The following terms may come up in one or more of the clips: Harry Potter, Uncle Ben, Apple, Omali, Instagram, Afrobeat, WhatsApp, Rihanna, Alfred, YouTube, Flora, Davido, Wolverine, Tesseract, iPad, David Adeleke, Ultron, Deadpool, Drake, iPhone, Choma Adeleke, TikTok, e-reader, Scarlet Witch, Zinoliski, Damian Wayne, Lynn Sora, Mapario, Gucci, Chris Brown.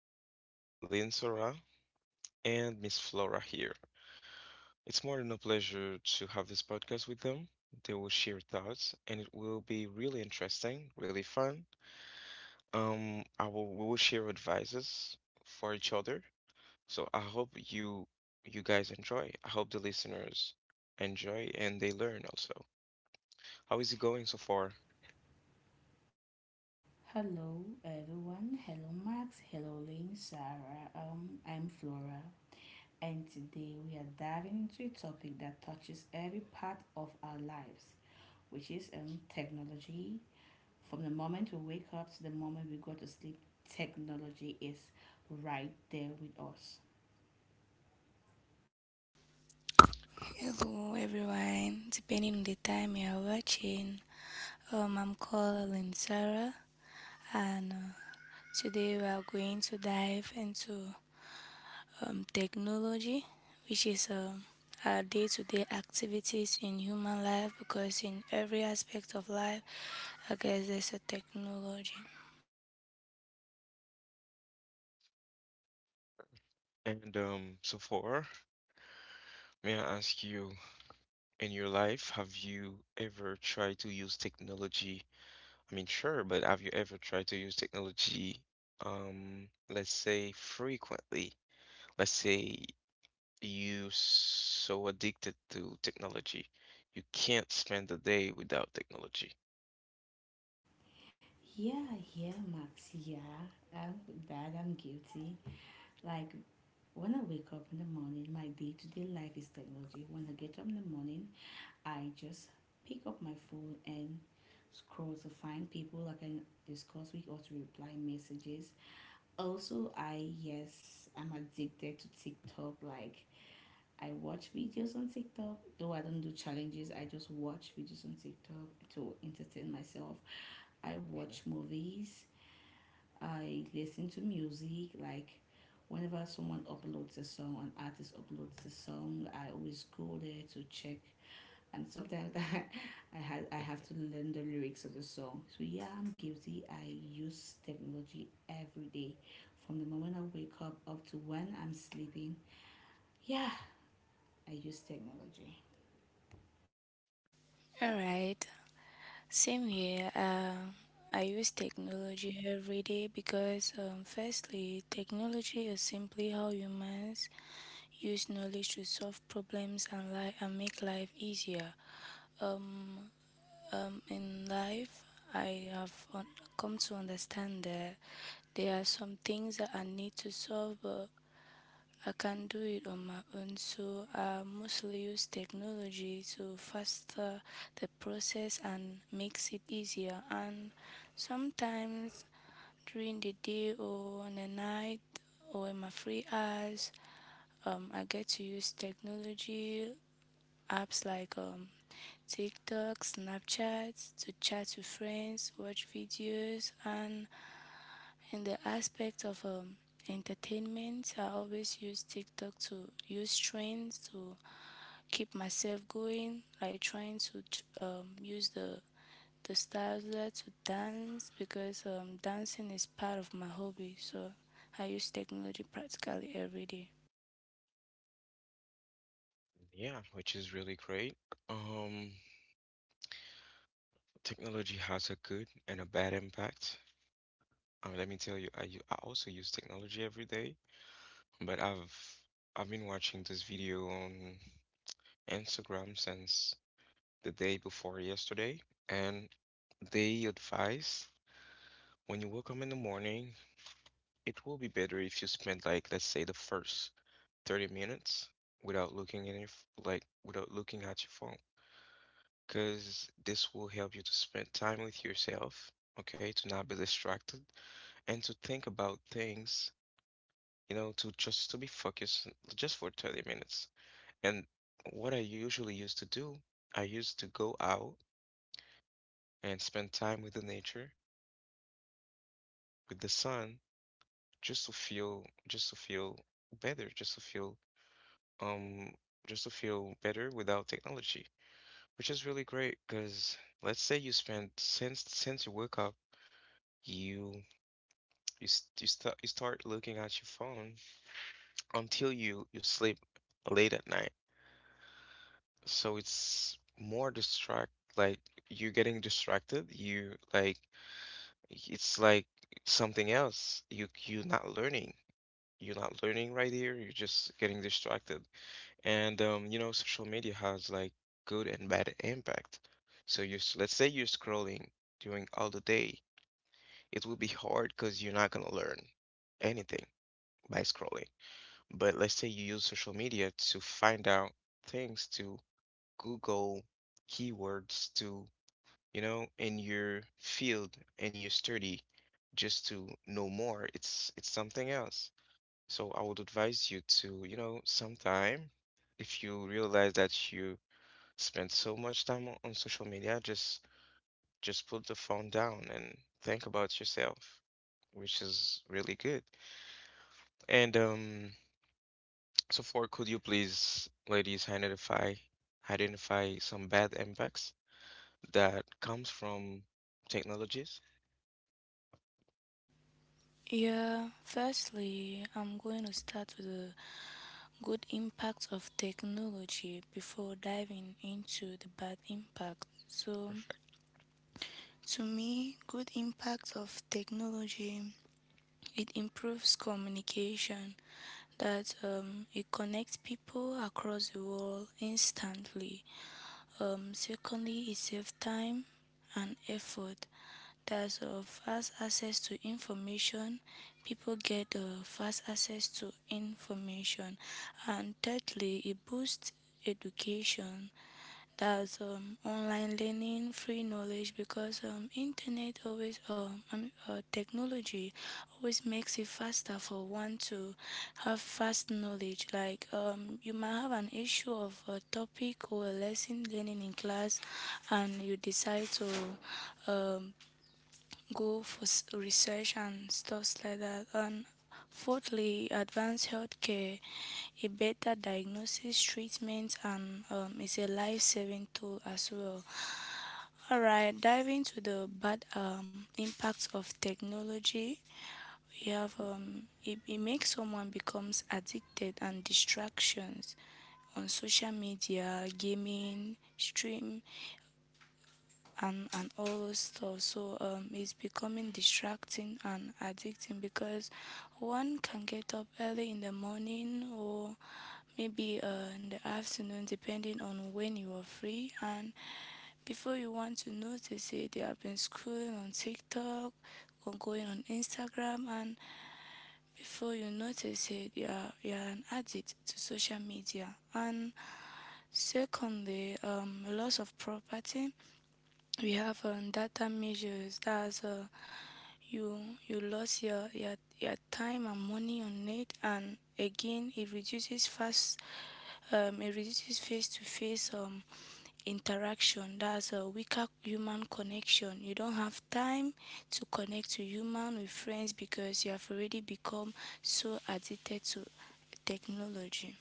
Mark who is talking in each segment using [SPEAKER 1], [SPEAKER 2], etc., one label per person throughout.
[SPEAKER 1] here, Lynn Sora, and Miss Flora here. It's more than a pleasure to have this podcast with them. They will share thoughts, and it will be really interesting, really fun. I will We will share advices for each other. So I hope you guys enjoy. I hope the listeners enjoy and they learn also. How is it going so far?
[SPEAKER 2] Hello, everyone. Hello, Max. Hello, Lynn, Sarah. I'm Flora, and today we are diving into a topic that touches every part of our lives, which is technology. From the moment we wake up to the moment we go to sleep, technology is right there with us.
[SPEAKER 3] Hello, everyone. Depending on the time you are watching, I'm calling Sarah, and today we are going to dive into technology, which is our day-to-day activities in human life. Because in every aspect of life, I guess there's a technology.
[SPEAKER 1] And so far, may I ask you? In your life, have you ever tried to use technology? I mean, sure, but have you ever tried to use technology, let's say frequently? Let's say you so addicted to technology, you can't spend a day without technology.
[SPEAKER 2] Yeah, yeah, Max. Yeah, I'm, that I'm guilty. Like when I wake up in the morning, my day-to-day life is technology. When I get up in the morning, I just pick up my phone and scroll to find people I can discuss with or to reply messages. Also, I yes, I'm addicted to TikTok. Like I watch videos on TikTok, though I don't do challenges. I just watch videos on TikTok to entertain myself. I watch
[SPEAKER 1] hmm
[SPEAKER 2] movies. I listen to music. Like whenever someone uploads a song, an artist uploads a song, I always go there to check, and sometimes I have to
[SPEAKER 1] hmm
[SPEAKER 2] learn the lyrics of the song. So yeah, I'm guilty. I use technology every day, from the moment I wake up up to when I'm sleeping. Yeah, I use technology.
[SPEAKER 3] All right. Same here. I use technology every day because, firstly, technology is simply how humans use knowledge to solve problems and and make life easier. Um, in life, I have come to understand that there are some things that I need to solve, but I can do it on my own. So I mostly use technology to faster the process and makes it easier. And sometimes during the day or on the night or in my free hours, I get to use technology apps like TikTok, Snapchat to chat with friends, watch videos, and in the aspect of entertainment, I always use TikTok to use trends to keep myself going, like trying to use the styles there to dance because dancing is part of my hobby. So I use technology practically every day.
[SPEAKER 1] Yeah, which is really great. Um, technology has a good and a bad impact. Let me tell you, I also use technology every day, but I've been watching this video on Instagram since the day before yesterday, and they advise when you wake up in the morning, it will be better if you spend like let's say the first 30 minutes without looking in your like without looking at your phone, because this will help you to spend time with yourself, okay, to not be distracted and to think about things, you know, to just to be focused just for 30 minutes. And what I usually used to do, I used to go out and spend time with the nature, with the sun, just to feel better, um, just to feel better without technology, which is really great because let's say you spend since you wake up, you you s- you start looking at your phone until you sleep late at night. So it's more distract like you're getting distracted. You like it's like something else. You're not learning. You're not learning right here. You're just getting distracted. And you know, social media has like good and bad impact. So let's say you're scrolling during all the day. It will be hard because you're not gonna learn anything by scrolling. But let's say you use social media to find out things to Google keywords to, you know, in your field, in your study, just to know more. It's something else. So I would advise you to, you know, sometime if you realize that you spend so much time on social media, just put the phone down and think about yourself, which is really good. And so far, could you please, ladies, identify some bad impacts that comes from technologies?
[SPEAKER 3] Yeah, firstly, I'm going to start with the good impact of technology before diving into the bad impact. So,
[SPEAKER 1] Perfect.
[SPEAKER 3] to me, good impact of technology, it improves communication. That it connects people across the world instantly. Secondly, it saves time and effort. That's fast access to information. People get fast access to information. And thirdly, it boosts education. That's online learning, free knowledge, because internet always, technology always makes it faster for one to have fast knowledge. Like you might have an issue of a topic or a lesson learning in class, and you decide to um, go for research and stuff like that. And fourthly, advanced healthcare, a better diagnosis, treatment, and it's a life-saving tool as well. All right, diving to the bad impacts of technology, we have it makes someone becomes addicted, and distractions on social media, gaming, stream, and all those stuff. So it's becoming distracting and addicting, because one can get up early in the morning or maybe in the afternoon depending on when you are free, and before you want to notice it, they have been scrolling on TikTok or going on Instagram, and before you notice it, you are an addict to social media. And secondly, loss of property, we have data measures. That's you you lost your your time and money on it. And again it reduces fast, it reduces face to face interaction. That's a weaker human connection. You don't have time to connect to human with friends because you have already become so addicted to technology.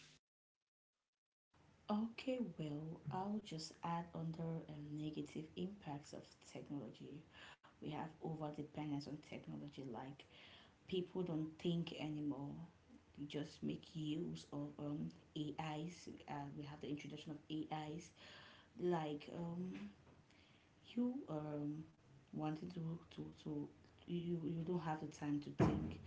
[SPEAKER 2] Okay, well, I'll just add under negative impacts of technology. We have over dependence on technology, like people don't think anymore. They just make use of AIs. We have the introduction of AIs, like you wanted to you you don't have the time to think.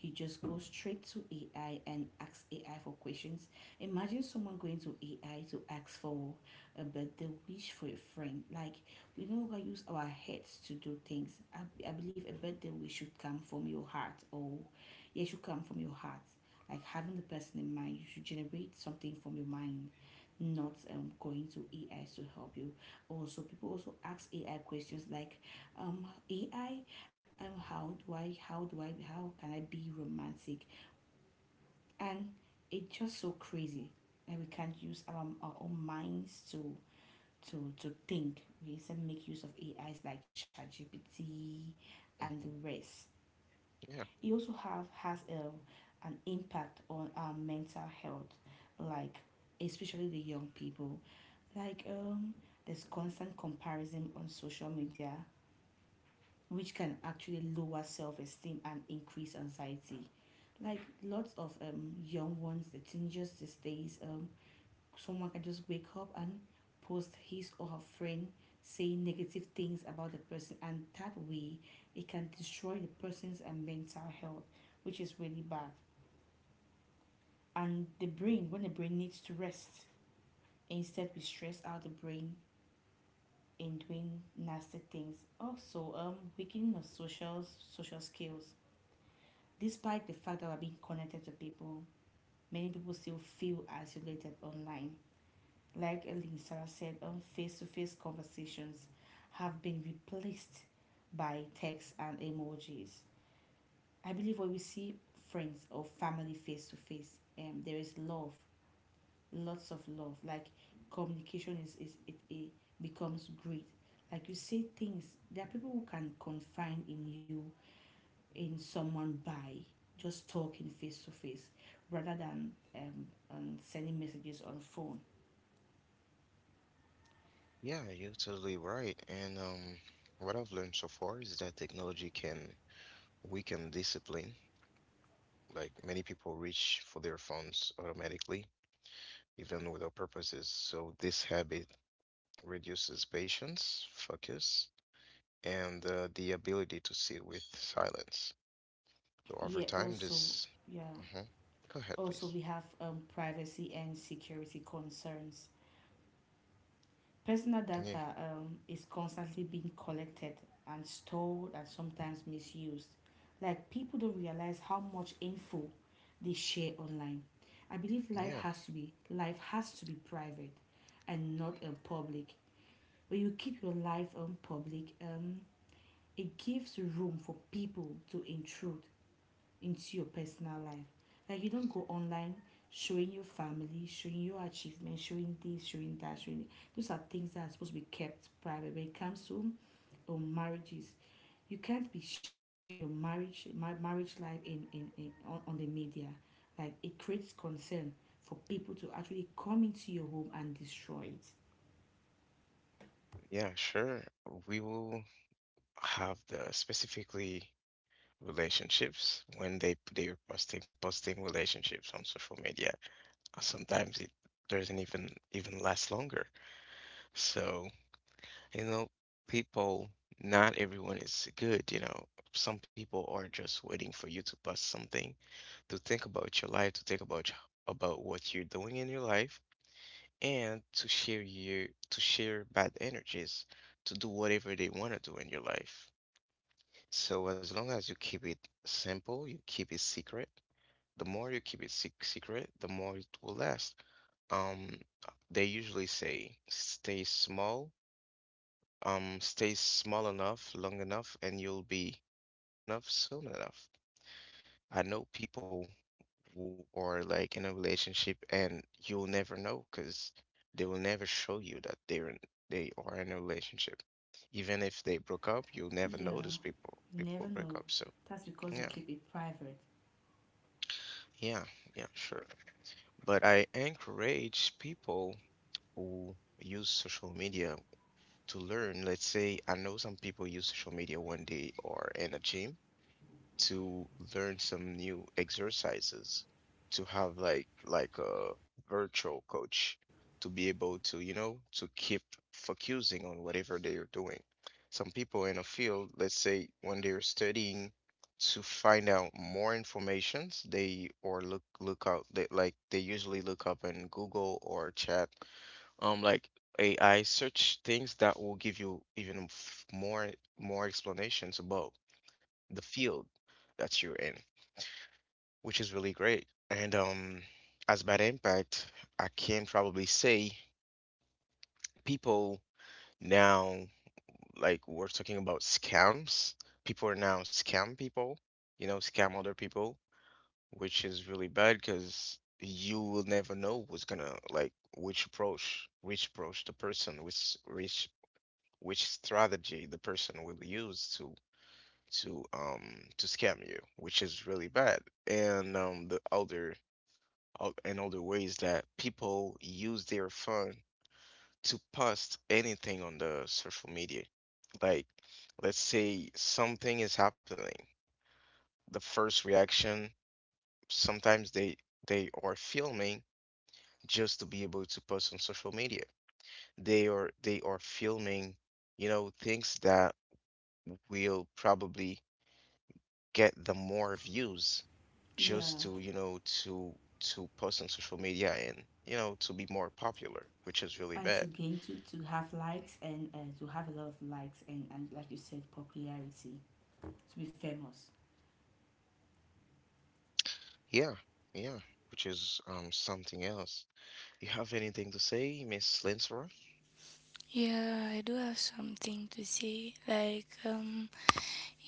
[SPEAKER 2] You just go straight to AI and ask AI for questions. Imagine someone going to AI to ask for a birthday wish for a friend. Like, we no longer use our heads to do things. I believe a birthday wish should come from your heart, or yeah, should come from your heart. Like, having the person in mind, you should generate something from your mind, not going to AI to help you. Also, people also ask AI questions like ai how do I how do I how can I be romantic? And it's just so crazy that we can't use our own minds to think. We instead make use of AIs like ChatGPT and the
[SPEAKER 1] hmm
[SPEAKER 2] rest.
[SPEAKER 1] Yeah.
[SPEAKER 2] It also have has an impact on our mental health, like especially the young people. Like there's constant comparison on social media, which can actually lower self esteem and increase anxiety. Like, lots of young ones, the teenagers these days, someone can just wake up and post his or her friend saying negative things about the person, and that way it can destroy the person's and mental health, which is really bad. And the brain, when the brain needs to rest, instead we stress out the brain in doing nasty things. Also, weakening of social skills. Despite the fact that we're being connected to people, many people still feel isolated online. Like Elin Sarah said, face-to-face conversations have been replaced by text and emojis. I believe when we see friends or family face to face, there is love, lots of love. Like, communication it becomes great. Like, you say things, there are people who can confine in you in someone by just talking face to face rather than sending messages on phone.
[SPEAKER 1] Yeah, you're totally right. And what I've learned so far is that technology can weaken discipline. Like many people reach for their phones automatically, even without purposes. So this habit reduces patience, focus, and the ability to sit with silence. So over
[SPEAKER 2] Yeah,
[SPEAKER 1] time,
[SPEAKER 2] also,
[SPEAKER 1] this.
[SPEAKER 2] yeah,
[SPEAKER 1] uh Go ahead,
[SPEAKER 2] also
[SPEAKER 1] please.
[SPEAKER 2] we have privacy and security concerns. Personal
[SPEAKER 1] Yeah,
[SPEAKER 2] data is constantly being collected and stored and sometimes misused. Like, people don't realize how much info they share online. I believe
[SPEAKER 1] yeah,
[SPEAKER 2] life has to be private and not public. When you keep your life public, it gives room for people to intrude into your personal life. Like, you don't go online showing your family, showing your achievements, showing this, showing that, showing it. Those are things that are supposed to be kept private. When it comes to marriages, you can't be sharing your marriage my marriage life on the media. Like, it creates concern for people to actually come into your home and destroy it.
[SPEAKER 1] yeah, sure. We will have the specifically relationships when they they're posting posting relationships on social media. Sometimes it doesn't even last longer. So, you know, people, not everyone is good, you know. Some people are just waiting for you to post something to think about your life, to think about about what you're doing in your life, and to share your to share bad energies, to do whatever they want to do in your life. So as long as you keep it simple, you keep it secret, the more you keep it secret, the more it will last. Um, they usually say stay small enough, long enough, and you'll be big enough soon enough. I know people who are like in a relationship and you'll never know because they will never show you they are in a relationship. Even if they broke up, you'll never know those
[SPEAKER 2] Yeah,
[SPEAKER 1] people.
[SPEAKER 2] you
[SPEAKER 1] People
[SPEAKER 2] never
[SPEAKER 1] break up,
[SPEAKER 2] know.
[SPEAKER 1] so
[SPEAKER 2] That's because
[SPEAKER 1] yeah,
[SPEAKER 2] they keep it private.
[SPEAKER 1] yeah, yeah, sure. But I encourage people who use social media to learn. Let's say I know some people use social media when they are in a gym to learn some new exercises, to have like a virtual coach to be able to, you know, to keep focusing on whatever they are doing. Some people in a field, let's say when they're studying to find out more informations, they or look look out they like they usually look up in Google or chat, like AI search things that will give you even more more explanations about the field that you're in, which is really great. And as bad impact, I can probably say people now, like we're talking about scams, people are now scam people, you know, scam other people, which is really bad because you will never know what's gonna like which approach the person, which strategy the person will use to to scam you, which is really bad. And other ways that people use their phone to post anything on the social media. Like let's say something is happening. The first reaction, sometimes they are filming just to be able to post on social media. They are filming, you know, things that will probably get the more views
[SPEAKER 2] Yeah,
[SPEAKER 1] just to, you know, to post on social media and, you know, to be more popular, which is really
[SPEAKER 2] and to
[SPEAKER 1] bad.
[SPEAKER 2] gain to have likes and to have a lot of likes and like you said, popularity, to be famous.
[SPEAKER 1] Yeah, yeah, which is something else. You have anything to say, Miss Linsora?
[SPEAKER 3] Yeah, I do have something to say. Like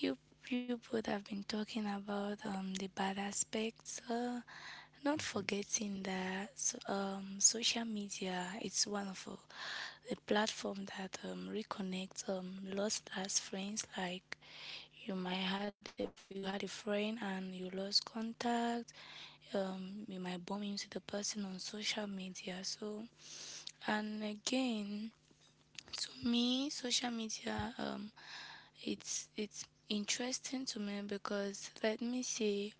[SPEAKER 3] You you both have been talking about the bad aspects, not
[SPEAKER 1] hmm
[SPEAKER 3] forgetting that social media, it's one of the platform that reconnects lost last friends. Like you had a friend and you lost contact. You might bump into the person on social media. So and again, to me, social media, it's interesting to me because let me say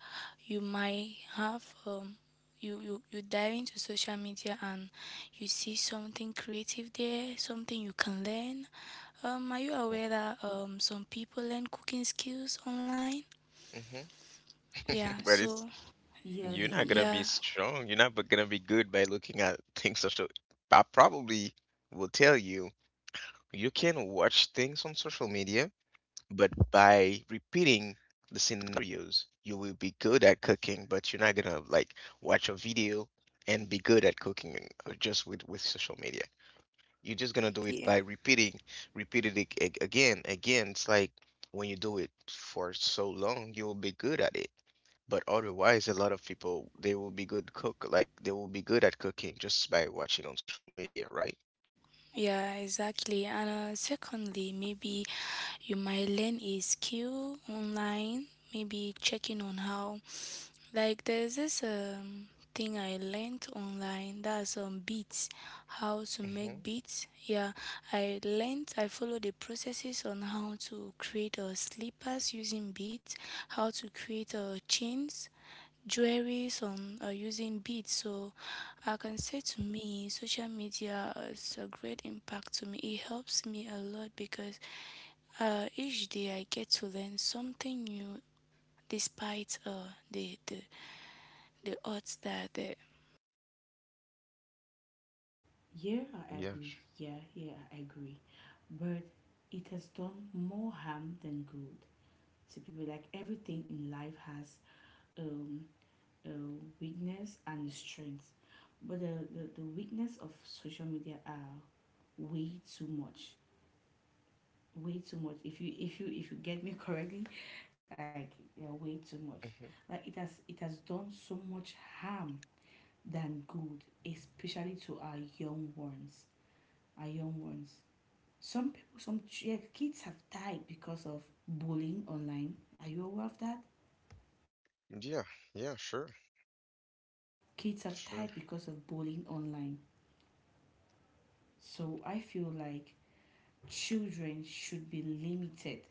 [SPEAKER 3] you might have you you dive into social media and you see something creative there, something you can learn. Are you aware that some people learn cooking skills online?
[SPEAKER 1] hmm
[SPEAKER 3] Yeah,
[SPEAKER 1] But
[SPEAKER 3] so
[SPEAKER 1] it's
[SPEAKER 2] Yeah,
[SPEAKER 1] you're
[SPEAKER 2] they
[SPEAKER 1] not
[SPEAKER 2] do.
[SPEAKER 1] gonna
[SPEAKER 3] yeah.
[SPEAKER 1] be strong. You're not but gonna be good by looking at things social. I probably will tell you you can watch things on social media, but by repeating the scenarios, you will be good at cooking, but you're not gonna like watch a video and be good at cooking just with social media. You're just gonna do it by repeating, repeating it again, again. It's like when you do it for so long, you will be good at it. But otherwise, a lot of people they will be good cook, like they will be good at cooking just by watching on social media, right?
[SPEAKER 3] Yeah, exactly. And secondly, maybe you might learn a skill online, maybe checking on how. Like, there's this thing I learned online, that's beats, how to
[SPEAKER 1] hmm
[SPEAKER 3] make beats. Yeah, I learned, I followed the processes on how to create slippers using beats, how to create chains, jewelries on using beads. So I can say, to me, social media has a great impact to me. It helps me a lot because each day I get to learn something new despite the odds that the.
[SPEAKER 2] Yeah, I
[SPEAKER 1] Yes.
[SPEAKER 2] agree. Yeah, yeah, I agree. But it has done more harm than good to people. Like, everything in life has um a weakness and a strength, but the weakness of social media are way too much, way too much, if you if you if you get me correctly. Like, they're way too much.
[SPEAKER 1] hmm
[SPEAKER 2] Like, it has, it has done so much harm than good, especially to our young ones. Our young ones, some people, some yeah, kids have died because of bullying online. Are you aware of that?
[SPEAKER 1] yeah, yeah, sure,
[SPEAKER 2] Kids have
[SPEAKER 1] sure.
[SPEAKER 2] died because of bullying online. So I feel like children should be limited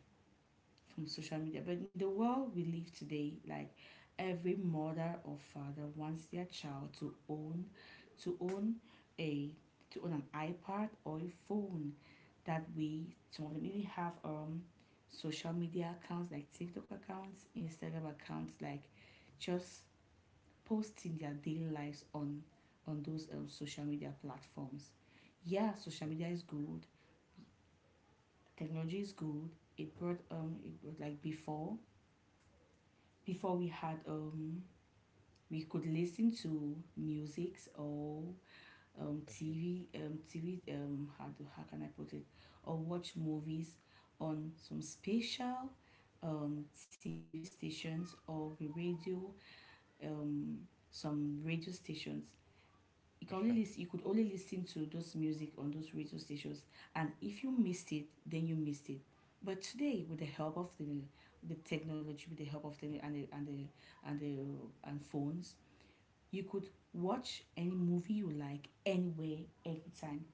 [SPEAKER 2] from social media. But in the world we live today, like every mother or father wants their child to own a to own an iPad or a phone. That we, some of them even have social media accounts like TikTok accounts, Instagram accounts, like just posting their daily lives on those social media platforms. Yeah, social media is good. Technology is good. It brought like before. Before we had we could listen to musics or
[SPEAKER 1] Mhm,
[SPEAKER 2] TV, how can I put it, or watch movies on some special TV stations or the radio, um some radio stations.
[SPEAKER 1] mhm,
[SPEAKER 2] You could only listen to those music on those radio stations, and if you missed it, then you missed it. But today, with the help of the technology, with the help of the and the and the and, the, and phones, you could watch any movie you like, anywhere, anytime.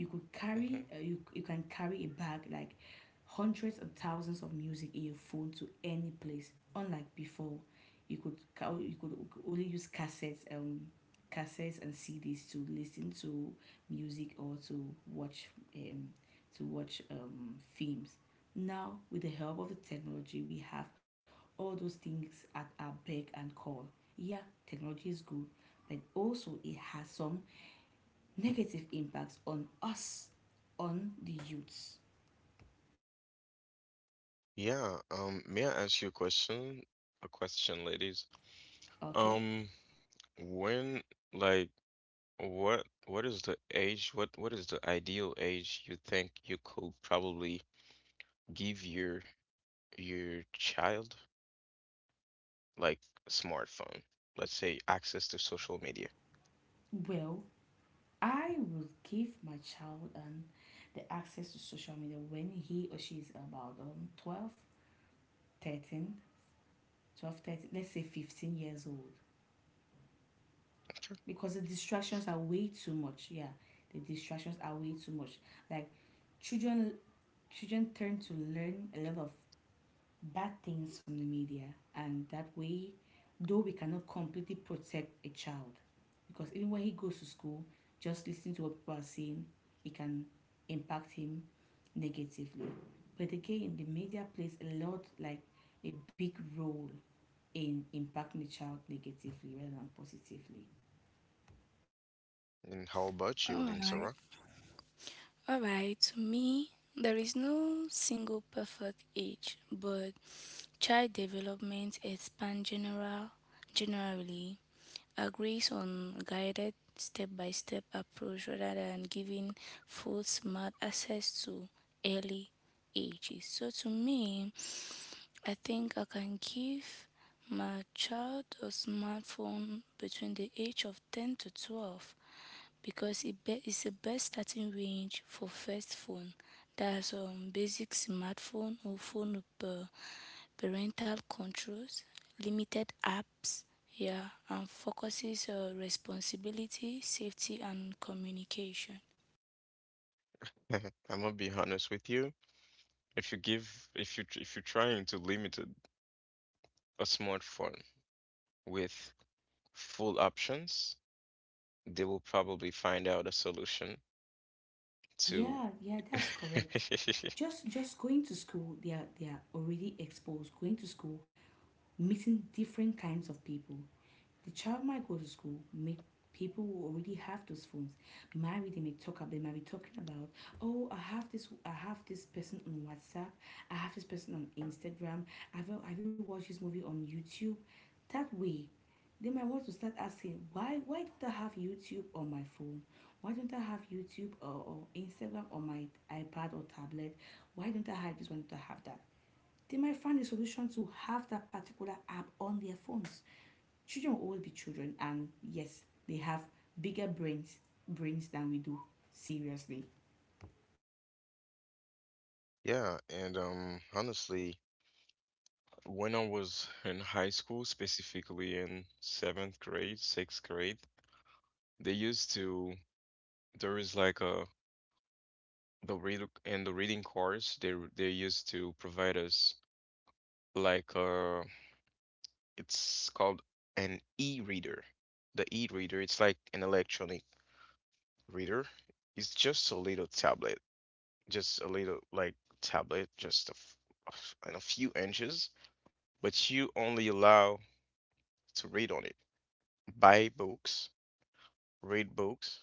[SPEAKER 2] You could
[SPEAKER 1] mhm.
[SPEAKER 2] you can carry a bag like hundreds and thousands of music in your phone to any place, unlike before. You could only use cassettes, and cds to listen to music or to watch um films. Now, with the help of the technology, we have all those things at our beck and call. Yeah, technology is good, but also it has some negative impacts on us, on the youths.
[SPEAKER 1] Yeah, may I ask you a question? A question, ladies.
[SPEAKER 2] Okay?
[SPEAKER 1] Um, when like What is the age, what is the ideal age you think you could probably give your child like a smartphone? Let's say access to social media.
[SPEAKER 2] Well, I will give my child the access to social media when he or she is about 12, thirteen, 13, let's say 15 years old.
[SPEAKER 1] Sure.
[SPEAKER 2] Because the distractions are way too much. Yeah, the distractions are way too much. Like, children children tend to learn a lot of bad things from the media, and that way, though we cannot completely protect a child, because even when he goes to school, just listening to what people are saying, it can impact him negatively. But again, the media plays a lot, like a big role in impacting the child negatively rather than positively.
[SPEAKER 1] And how about you,
[SPEAKER 3] All right,
[SPEAKER 1] Linsara?
[SPEAKER 3] all right. To me, there is no single perfect age, but child development expands generally agrees on guided step-by-step approach rather than giving full smart access to early ages. So to me, I think I can give my child a smartphone between the age of 10 to 12, because it's the best starting range for first phone. That's basic smartphone or phone with parental controls, limited apps, yeah, and focuses on responsibility, safety, and communication.
[SPEAKER 1] I'm gonna be honest with you. If you give, if you if you're trying to limit a smartphone with full options, they will probably find out a solution to.
[SPEAKER 2] Yeah, yeah, that's correct. Just going to school, they are already exposed. Going to school, meeting different kinds of people. The child might go to school, meet people who already have those phones. Maybe they may talk up, they might be talking about, oh, I have this person on WhatsApp, I have this person on Instagram. Have you, have you watched this movie on YouTube? That way, they might want to start asking, why don't I have YouTube on my phone? Why don't I have YouTube, or Instagram on my iPad or tablet? Why don't I have this? Why don't I have that? They might find a solution to have that particular app on their phones. Children will always be children, and yes, they have bigger brains than we do. Seriously.
[SPEAKER 1] Yeah, and honestly, when I was in high school, specifically in seventh grade, sixth grade, they used to there is like a the read and the reading course they used to provide us like a it's called an e-reader. The e-reader, it's like an electronic reader. It's just a little tablet, just a little like tablet, just a f- and a few inches, but you only allow to read on it. Buy books, read books,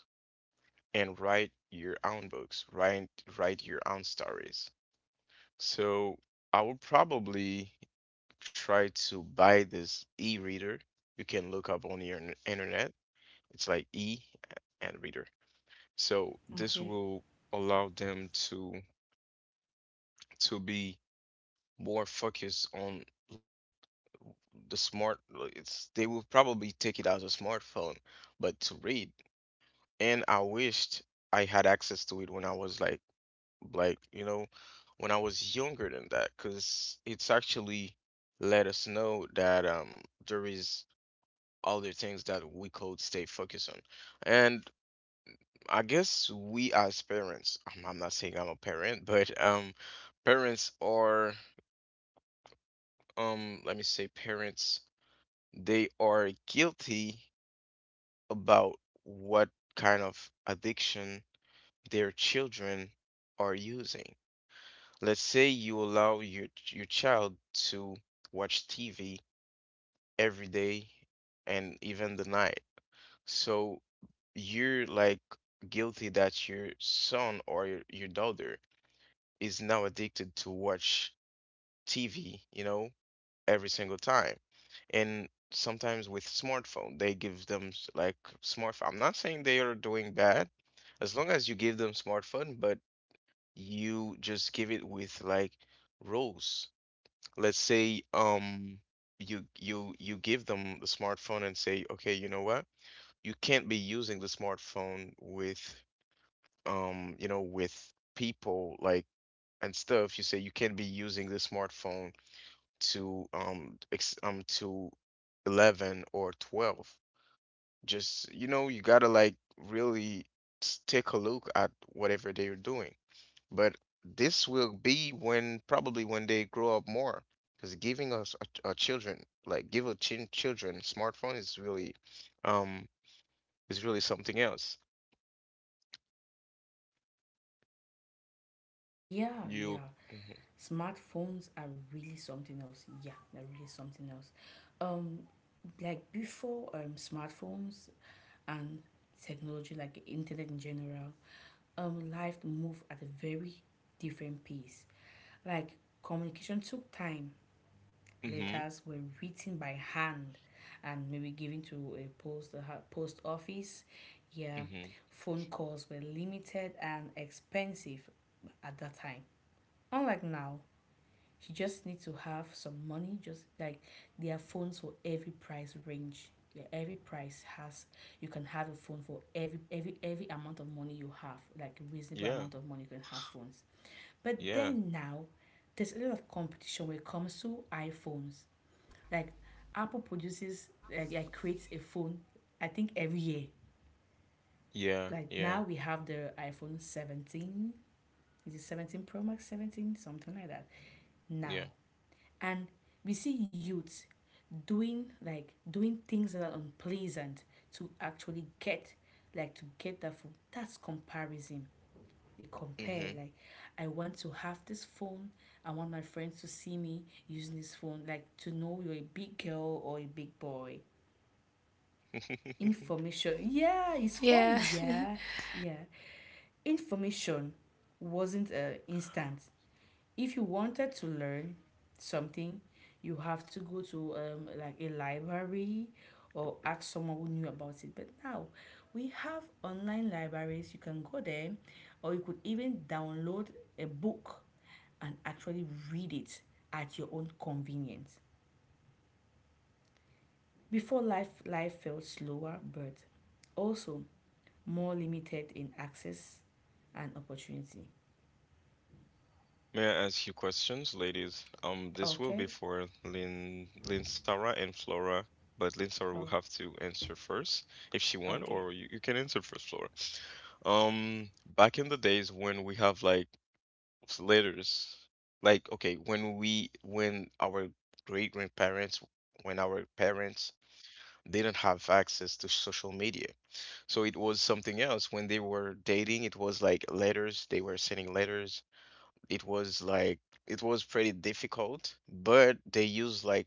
[SPEAKER 1] and write your own books, write your own stories. So I would probably try to buy this e-reader. You can look up on your internet. It's like E and reader. So this
[SPEAKER 2] Okay.
[SPEAKER 1] will allow them to be more focused on like the smart like, it's they will probably take it as a smartphone, but to read. And I wished I had access to it when I was like you know, when I was younger than that, because it's actually let us know that there is other things that we could stay focused on. And I guess we as parents, I'm not saying I'm a parent, but parents are, let me say, parents, they are guilty about what kind of addiction their children are using. Let's say you allow your child to watch TV every day and even the night. So you're like guilty that your son or your daughter is now addicted to watch TV, you know, every single time. And sometimes with smartphone, they give them like smartphone. I'm not saying they are doing bad, as long as you give them smartphone, but you just give it with like rules. Let's say you give them the smartphone and say, okay, you know what? You can't be using the smartphone with you know with people and stuff, you say you can be using the smartphone to 11 or 12. Just, you know, you gotta like really take a look at whatever they're doing. But this will be when probably when they grow up more, because giving us a children like give a chin children smartphone um is really something else.
[SPEAKER 2] Yeah,
[SPEAKER 1] You,
[SPEAKER 2] yeah.
[SPEAKER 1] hmm
[SPEAKER 2] Smartphones are really something else. Yeah, they're really something else. Um, like before smartphones and technology, like the internet in general, life moved at a very different pace. Like, communication took time.
[SPEAKER 1] hmm
[SPEAKER 2] Letters were written by hand and maybe given to a post office. Yeah,
[SPEAKER 1] hmm
[SPEAKER 2] phone calls were limited and expensive at that time. Unlike now, you just need to have some money. Just like, there are phones for every price range. Yeah, every price has you can have a phone for every every amount of money you have, like a reasonable
[SPEAKER 1] Yeah,
[SPEAKER 2] amount of money, you can have phones. But
[SPEAKER 1] yeah,
[SPEAKER 2] then now, there's a lot of competition when it comes to iPhones. Like, Apple produces, like creates a phone, I think, every year.
[SPEAKER 1] yeah,
[SPEAKER 2] Like,
[SPEAKER 1] yeah,
[SPEAKER 2] now we have the iPhone 17. Is it 17 Pro Max, 17, something like that now.
[SPEAKER 1] yeah.
[SPEAKER 2] And we see youths doing things that are unpleasant to actually get like to get that phone. That's comparison. They compare
[SPEAKER 1] hmm
[SPEAKER 2] like, I want to have this phone. I want my friends to see me using this phone, like to know you're a big girl or a big boy. Information. Yeah, it's funny.
[SPEAKER 3] Yeah.
[SPEAKER 2] Yeah, yeah. Information wasn't instant. If you wanted to learn something, you have to go to like a library or ask someone who knew about it. But now we have online libraries. You can go there, or you could even download a book and actually read it at your own convenience. Before life, life felt slower, but also more limited in access and opportunity.
[SPEAKER 1] May I ask you questions, ladies? This will be
[SPEAKER 2] Okay?
[SPEAKER 1] for Lin, Lin Sarah and Flora, but Lin Sarah will
[SPEAKER 2] Oh,
[SPEAKER 1] have to answer first if she want,
[SPEAKER 2] okay.
[SPEAKER 1] or you can answer first, Flora. Um, Back in the days when we have like letters, like okay, when our great grandparents, when our parents didn't have access to social media, so it was something else. When they were dating, it was like letters. They were sending letters. It was like it was pretty difficult, but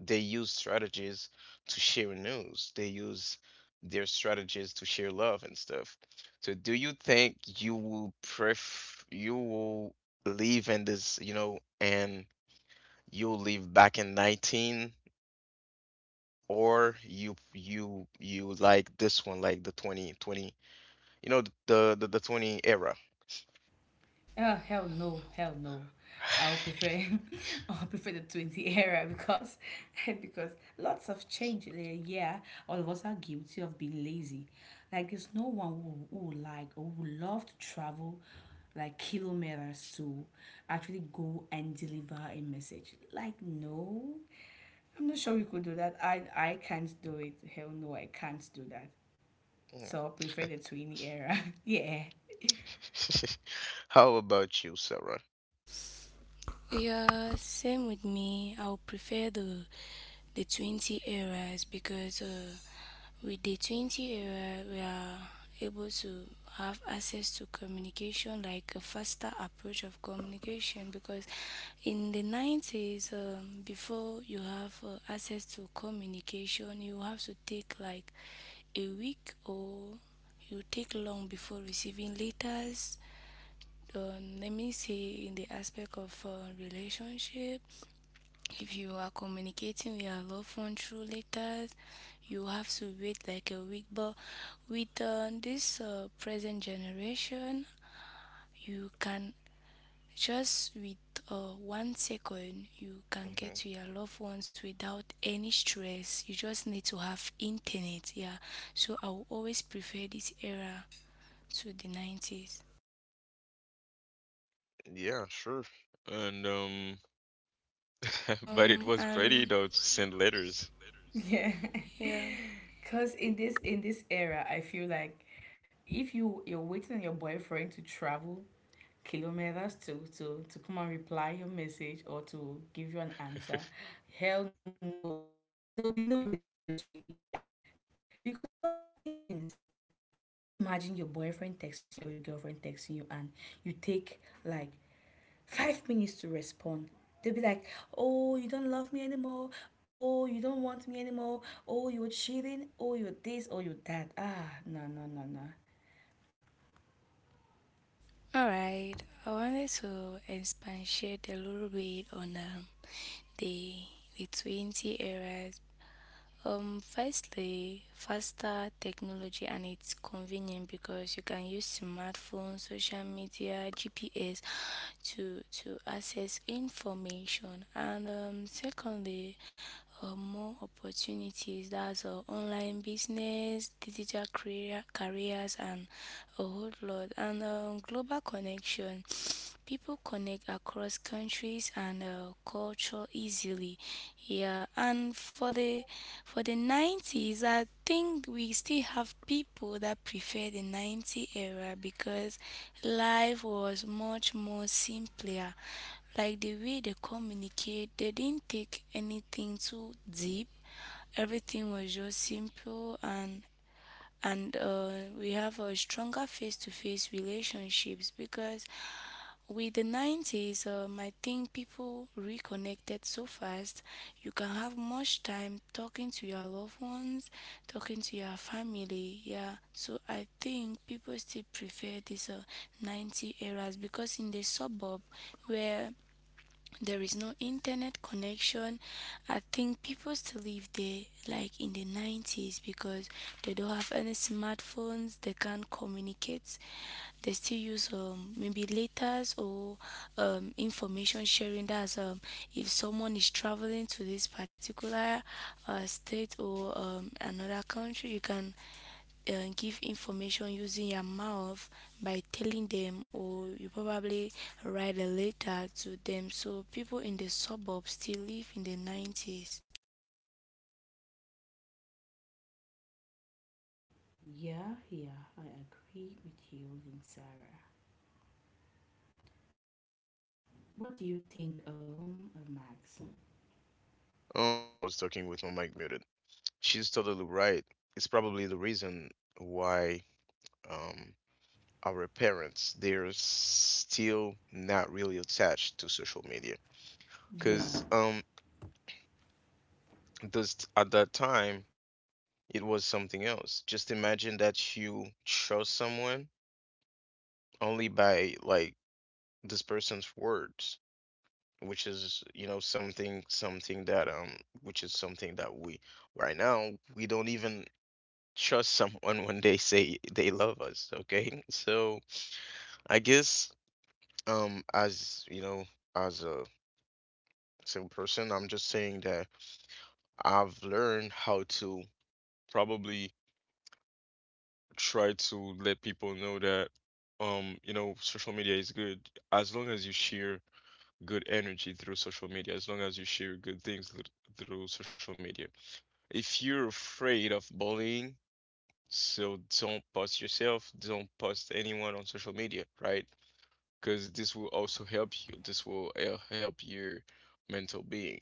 [SPEAKER 1] they use strategies to share news. They use their strategies to share love and stuff. So do you think you will live in this, you know, and you live back in 19, or you like this one like the 2020, you know, the 20 era.
[SPEAKER 2] Oh, hell no, hell no. I'll prefer, I'll prefer the 20 era because because lots of change in a year. All of us are guilty of being lazy. Like there's no one who would like or who would love to travel like kilometers to actually go and deliver a message. Like, no. I'm not sure you could do that. I can't do it. Hell no, I can't do that.
[SPEAKER 1] Mm.
[SPEAKER 2] So I prefer the twinny era. Yeah.
[SPEAKER 1] How about you, Sarah?
[SPEAKER 3] Yeah, same with me. I would prefer the 20 eras because with the 20 era, we are able to have access to communication, like a faster approach of communication. Because in the 90s, before you have access to communication, you have to take like a week, or you take long before receiving letters. Let me say in the aspect of relationship, if you are communicating with your loved one through letters, you have to wait like a week. But with this present generation, you can just with 1 second you can get
[SPEAKER 1] Hmm
[SPEAKER 3] to your loved ones without any stress. You just need to have internet. Yeah, so I will always prefer this era to the 90s.
[SPEAKER 1] Yeah, sure. And but it was pretty
[SPEAKER 3] And
[SPEAKER 1] though to send letters.
[SPEAKER 2] Yeah.
[SPEAKER 3] Yeah.
[SPEAKER 2] Cause in this era I feel like if you're waiting on your boyfriend to travel kilometers to come and reply your message or to give you an answer, hell no. There'll be no relationship, yeah. Because we don't have patience. Just imagine your boyfriend texting you or your girlfriend texting you and you take like 5 minutes to respond. They'll be like, oh, you don't love me anymore. Oh, you don't want me anymore. Oh, you're cheating. Oh, you're this. Oh, you're that. Ah, no, no, no, no.
[SPEAKER 3] All right. I wanted to expatiate a little bit on the the 20s eras. Firstly, faster technology and it's convenient because you can use smartphones, social media, GPS to access information. And secondly, more opportunities. That's online business, digital career, careers, and a whole lot. And global connection. People connect across countries and culture easily. Yeah, and for the 90s, I think we still have people that prefer the 90 era because life was much more simpler. Like the way they communicate, they didn't take anything too deep. Everything was just simple, and and uh, we have a stronger face-to-face relationships, because with the 90s, I think people reconnected so fast. You can have much time talking to your loved ones, talking to your family. Yeah, so I think people still prefer this 90 eras, because in the suburb where there is no internet connection, I think people still live there like in the 90s, because they don't have any smartphones, they can't communicate. They still use maybe letters or information sharing. That's if someone is traveling to this particular state or another country, you can give information using your mouth by telling them, or you probably write a letter to them. So people in the suburbs still live in the 90s.
[SPEAKER 2] Yeah, yeah, I agree with you, Lynn Sarah. What do you think, Max?
[SPEAKER 1] I was talking with my mic muted. She's totally right. It's probably the reason why um our parents they're still not really attached to social media.
[SPEAKER 2] Yeah.
[SPEAKER 1] Cause those at that time it was something else. Just imagine that you trust someone only by like this person's words, which is, you know, something something that which is something that we, right now, we don't even trust someone when they say they love us. Okay, so I guess, as you know, as a single person, I'm just saying that I've learned how to probably try to let people know that, you know, social media is good as long as you share good energy through social media, as long as you share through social media. If you're afraid of bullying, so don't post yourself, don't post anyone on social media, right? Because this will also help you. This will help your mental being.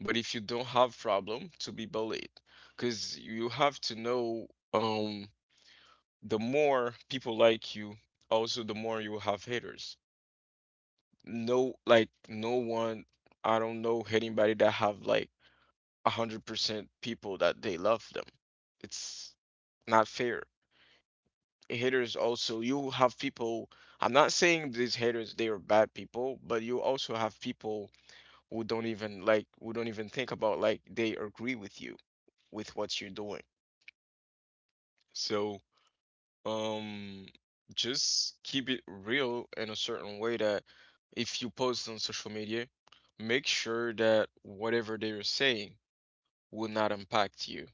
[SPEAKER 1] But if you don't have problem to be bullied, because you have to know, um, the more people like you, also the more you have haters. No, like no one, I don't know anybody that have like 100% people that they love them. It's not fair. Haters, also you have people, I'm not saying these haters they are bad people, but you also have people who don't even like, who don't even think about like they agree with you, with what you're doing. So, um just keep it real in a certain way that if you post on social media, make sure that whatever they are saying will not impact you.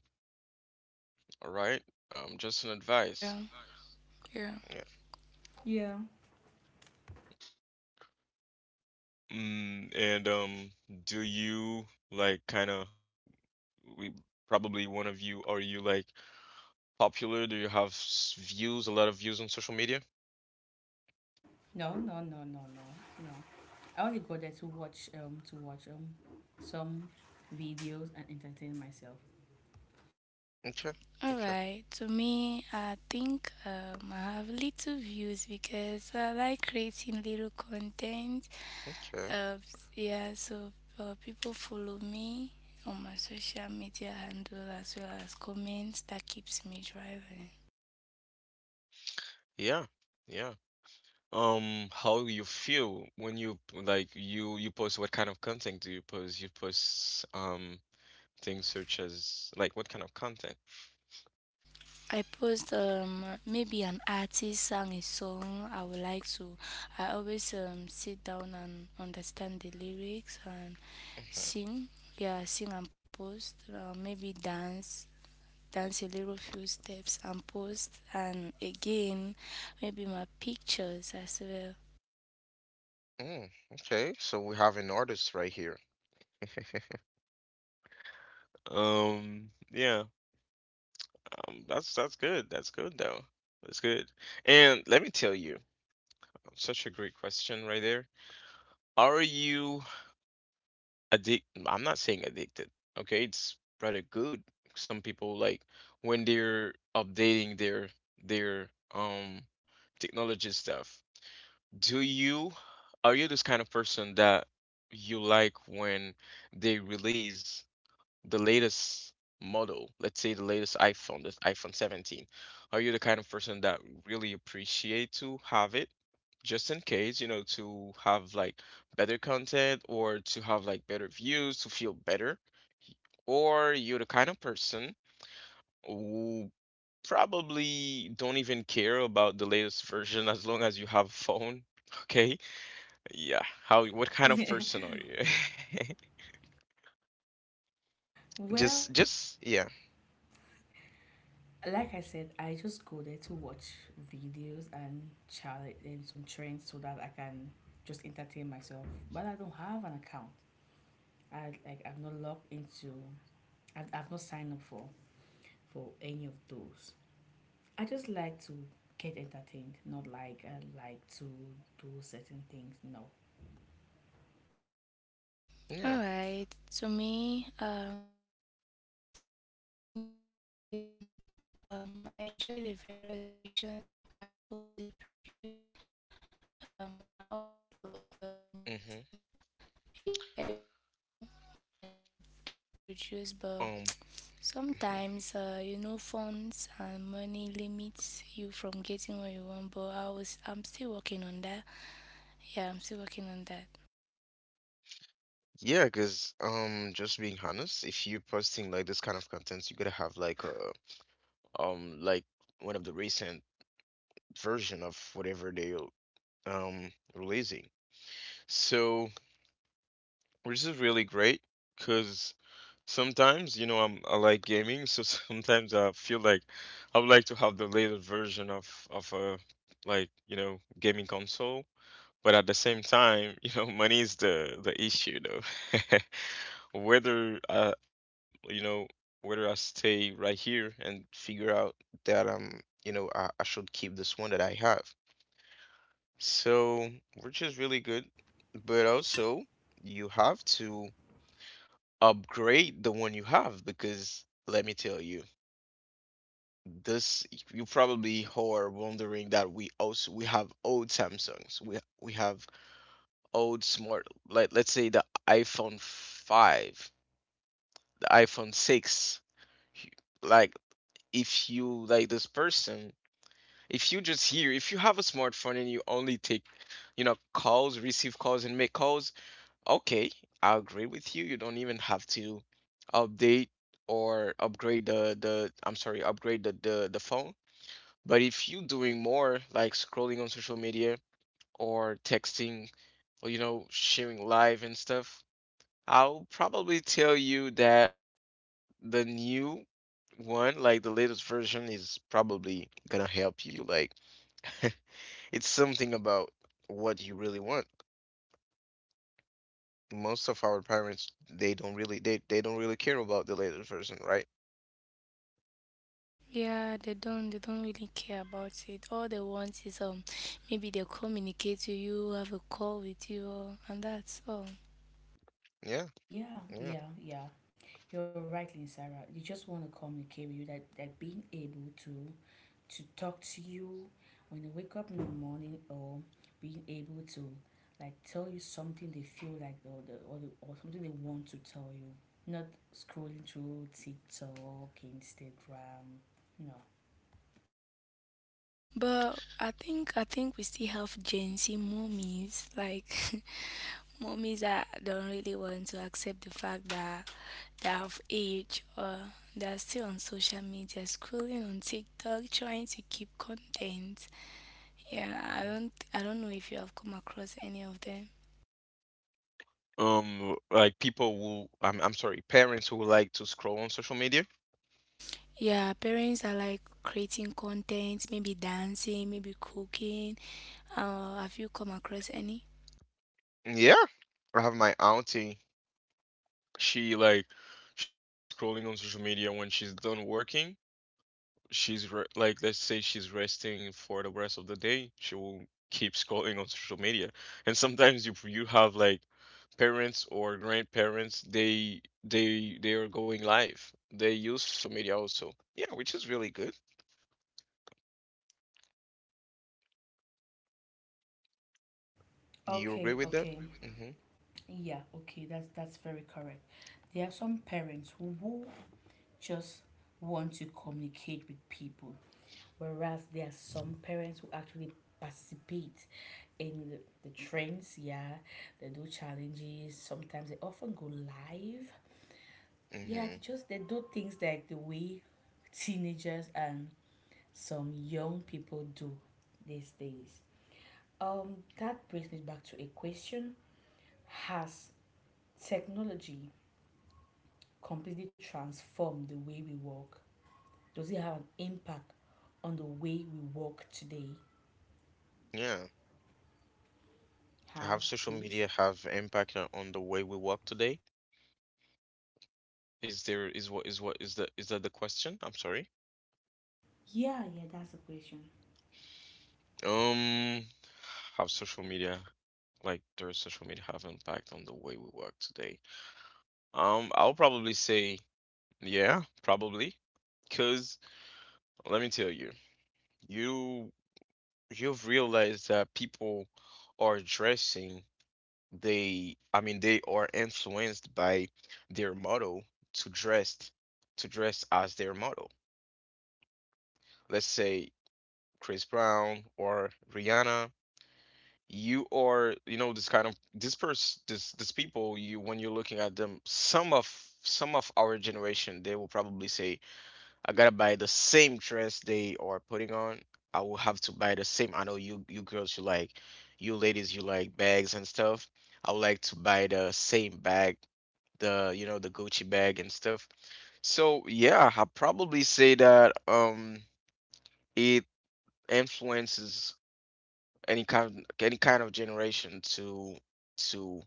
[SPEAKER 1] All right, just an
[SPEAKER 3] Yeah,
[SPEAKER 1] advice.
[SPEAKER 3] yeah.
[SPEAKER 1] Yeah.
[SPEAKER 2] Yeah.
[SPEAKER 1] And do you like kind of, we probably one of you, are you like popular? Do you have views, a lot of views on social media?
[SPEAKER 2] No, no, no, no, no, no. I only go there to watch, some videos and entertain myself.
[SPEAKER 1] Okay,
[SPEAKER 3] All
[SPEAKER 1] okay,
[SPEAKER 3] right, to me I think I have little views because I like creating little content.
[SPEAKER 1] okay.
[SPEAKER 3] uh, yeah, so people follow me on my social media handle, as well as comments that keeps me driving.
[SPEAKER 1] Yeah, yeah. How you feel when you like you post, what kind of content do you post? You post things such as like, what kind of content?
[SPEAKER 3] I post maybe an artist sang a song I would like to, I always sit down and understand the lyrics and
[SPEAKER 1] Hmm
[SPEAKER 3] sing. Yeah, sing and post, maybe dance, a little few steps and post. And again, maybe my pictures as well.
[SPEAKER 1] Mm, okay, so we have an artist right here. Yeah, that's good. That's good though. That's good. And let me tell you, such a great question right there. Are you addicted? I'm not saying addicted. Okay, it's rather good. Some people like when they're updating their um technology stuff. Do you Are you this kind of person that you like when they release the latest model, let's say the latest iPhone, the iPhone 17? Are you the kind of person that really appreciate to have it? Just in case, you know, to have like better content or to have like better views, to feel better. Or you're the kind of person who probably don't even care about the latest version as long as you have a phone. Okay? Yeah. How, what kind of person are you?
[SPEAKER 2] Well,
[SPEAKER 1] Just, yeah.
[SPEAKER 2] like I said, I just go there to watch videos and challenge and some trends so that I can just entertain myself. But I don't have an account. I like I've not logged into. I've not signed up for any of those. I just like to get entertained, not like I like to do certain things. No.
[SPEAKER 3] All
[SPEAKER 1] Yeah.
[SPEAKER 3] right, to me I enjoy having I enjoy the various versions of iPhones they produce. I always love
[SPEAKER 1] Mm-hmm.
[SPEAKER 3] getting yeah every new one that they produce, but
[SPEAKER 1] Um, mhm.
[SPEAKER 3] sometimes funds and money limits you from getting what you want. But I'm still working on that. Yeah, I'm still working on that.
[SPEAKER 1] Yeah, because just being honest, if you're posting like this kind of contents, you gotta have like a, like, one of the recent version of whatever they releasing. So, which is really great, because sometimes, you know, I'm, I like gaming, so sometimes I feel like I would like to have the latest version of a, like, you know, gaming console. But at the same time, you know, money is the issue though. Whether you know, whether I stay right here and figure out that, you know, I should keep this one that I have. So, which is really good, but also you have to upgrade the one you have, because let me tell you, this, you probably who are wondering that we also we have old Samsungs, we have old smart, like let's say the iPhone 5, the iPhone 6. H- Like if you like this person, if you just hear, if you have a smartphone and you only take, you know, calls, receive calls and make calls. Okay, I agree with you. You don't even have to update or upgrade the, I'm sorry, upgrade the phone. But if you doing more like scrolling on social media or texting or, you know, sharing live and stuff, I'll probably tell you that the new one, like the latest version, is probably gonna help you. Like, it's something about what you really want. Most of our parents they don't really, they don't really care about the later version, right?
[SPEAKER 3] Yeah, they don't really care about it. All they want is maybe they communicate to you, have a call with you, and that's all.
[SPEAKER 1] Yeah,
[SPEAKER 2] Yeah,
[SPEAKER 1] yeah.
[SPEAKER 2] yeah, yeah. You're right, Lynn Sarah. You just want to communicate with you, that being able to talk to you when they wake up in the morning or being able to like tell you something they feel like, or something they want to tell you, not scrolling through TikTok, Instagram. No.
[SPEAKER 3] But I think we still have Gen Z mommies. Like mommies that don't really want to accept the fact that they're of age, or they're still on social media scrolling on TikTok trying to keep content. Yeah,
[SPEAKER 1] Mhm.
[SPEAKER 3] I don't know if you have come across any of them.
[SPEAKER 1] Like people who, I'm sorry, parents who like to scroll on social media.
[SPEAKER 3] Yeah, parents are like creating content, maybe dancing, maybe cooking. Have you come across any?
[SPEAKER 1] Yeah, I have my auntie. She like she likes scrolling on social media when she's done working. She's re like let's say she's resting for the rest of the day, she will keep scrolling on social media. And sometimes you you have like parents or grandparents, they are going live. They use social media also. Yeah, which is really good. You agree
[SPEAKER 2] Okay,
[SPEAKER 1] with that?
[SPEAKER 2] okay.
[SPEAKER 1] Mm-hmm.
[SPEAKER 2] Yeah, okay, that's very correct. There are some parents who just want to communicate with people, whereas there are some parents who actually participate in the trends, yeah, they do challenges. Sometimes they often go live. Yeah,
[SPEAKER 1] Mm-hmm.
[SPEAKER 2] they just they do things like the way teenagers and some young people do these days. That brings me back to a question: has technology completely transformed the way we work? Does it have an impact on the way we work today?
[SPEAKER 1] Yeah. Have
[SPEAKER 2] How,
[SPEAKER 1] social
[SPEAKER 2] please?
[SPEAKER 1] media have impact on the way we work today? Is there is what is what is the, is that the question? I'm sorry.
[SPEAKER 2] Yeah, yeah, that's the question.
[SPEAKER 1] Um, have social media, like, does social media have impact on the way we work today? I'll probably say yeah, probably. Cause let me tell you, you, you've realized that people are dressing, they, I mean they are influenced by their model to dress, to dress as their model. Let's say Chris Brown or Rihanna, you are, you know, this kind of this person, this people, you, when you're looking at them, some of our generation, they will probably say, I gotta buy the same dress they are putting on. I will have to buy the same. I know you, you girls, you like, you ladies, you like bags and stuff. I would like to buy the same bag, the you know, the Gucci bag and stuff. So yeah, I probably say that it influences any kind of generation to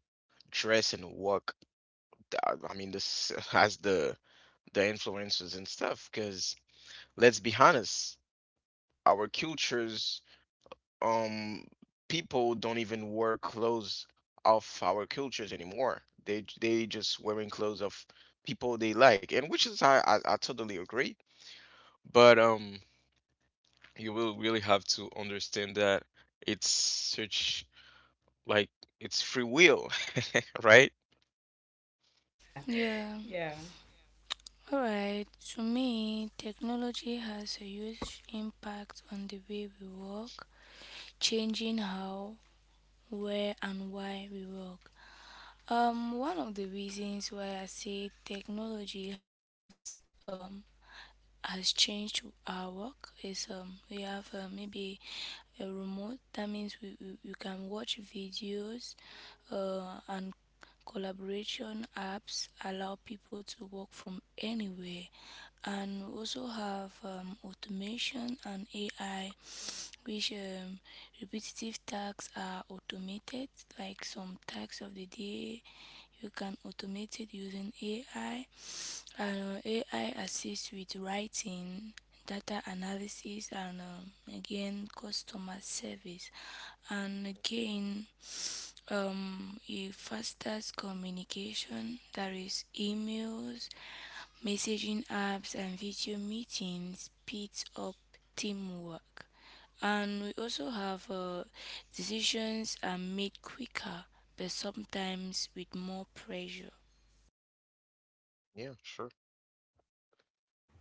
[SPEAKER 1] dress and work. I mean, this has the influences and stuff. Because let's be honest, our cultures, um, people don't even wear clothes of our cultures anymore. They just wearing clothes of people they like, and which is, I totally agree. But you will really have to understand that it's such, like, it's free will, right?
[SPEAKER 3] Yeah.
[SPEAKER 2] Yeah.
[SPEAKER 3] Alright, to me, technology has a huge impact on the way we work, changing how, where, and why we work. One of the reasons why I say technology has changed our work is we have maybe a remote, that means we you can watch videos and collaboration apps allow people to work from anywhere. And we also have automation and AI, which repetitive tasks are automated, like some tasks of the day you can automate it using AI. And AI assists with writing, data analysis, and again, customer service. And again, it fasters communication, that is, emails, messaging apps, and video meetings, speeds up teamwork. And we also have decisions are made quicker, but sometimes with more pressure.
[SPEAKER 1] Yeah, sure.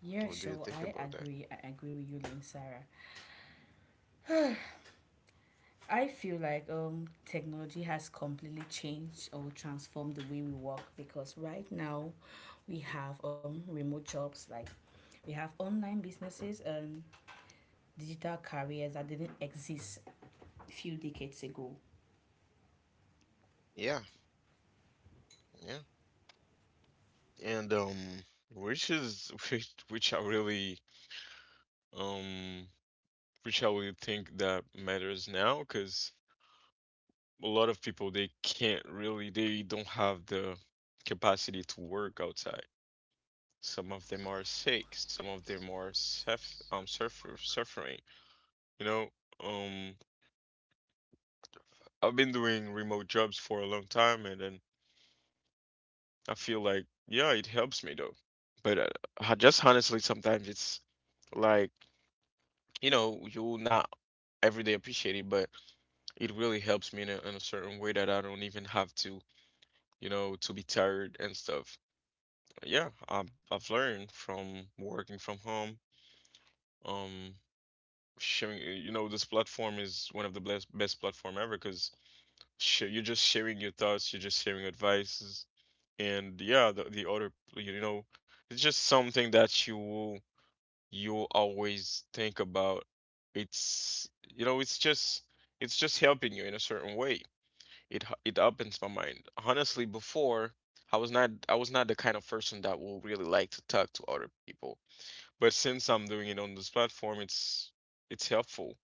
[SPEAKER 2] Yeah,
[SPEAKER 1] What do you
[SPEAKER 2] sure.
[SPEAKER 1] think
[SPEAKER 2] I
[SPEAKER 1] about that?
[SPEAKER 2] agree. I agree with you, Lynn Sarah. I feel like technology has completely changed or transformed the way we work, because right now we have remote jobs, like we have online businesses and digital careers that didn't exist a few decades ago.
[SPEAKER 1] Yeah, yeah. And which, is which I really, um which I really think that matters now, because a lot of people they can't really, they don't have the capacity to work outside. Some of them are sick, some of them are suffering. You know, um I've been doing remote jobs for a long time and then I feel like yeah, it helps me though. But I just honestly sometimes it's like, you know, you're not every day appreciate it, but it really helps me in a certain way that I don't even have to, you know, to be tired and stuff. Yeah, I've learned from working from home. Um, sharing, you know, this platform is one of the best platform ever, because sh you're just sharing your thoughts, you're just sharing advices, and yeah, the other, you know, it's just something that you will, you'll always think about. It's, you know, it's just, it's just helping you in a certain way. It opens my mind. Honestly, before I was not the kind of person that will really like to talk to other people. But since I'm doing it on this platform, it's helpful.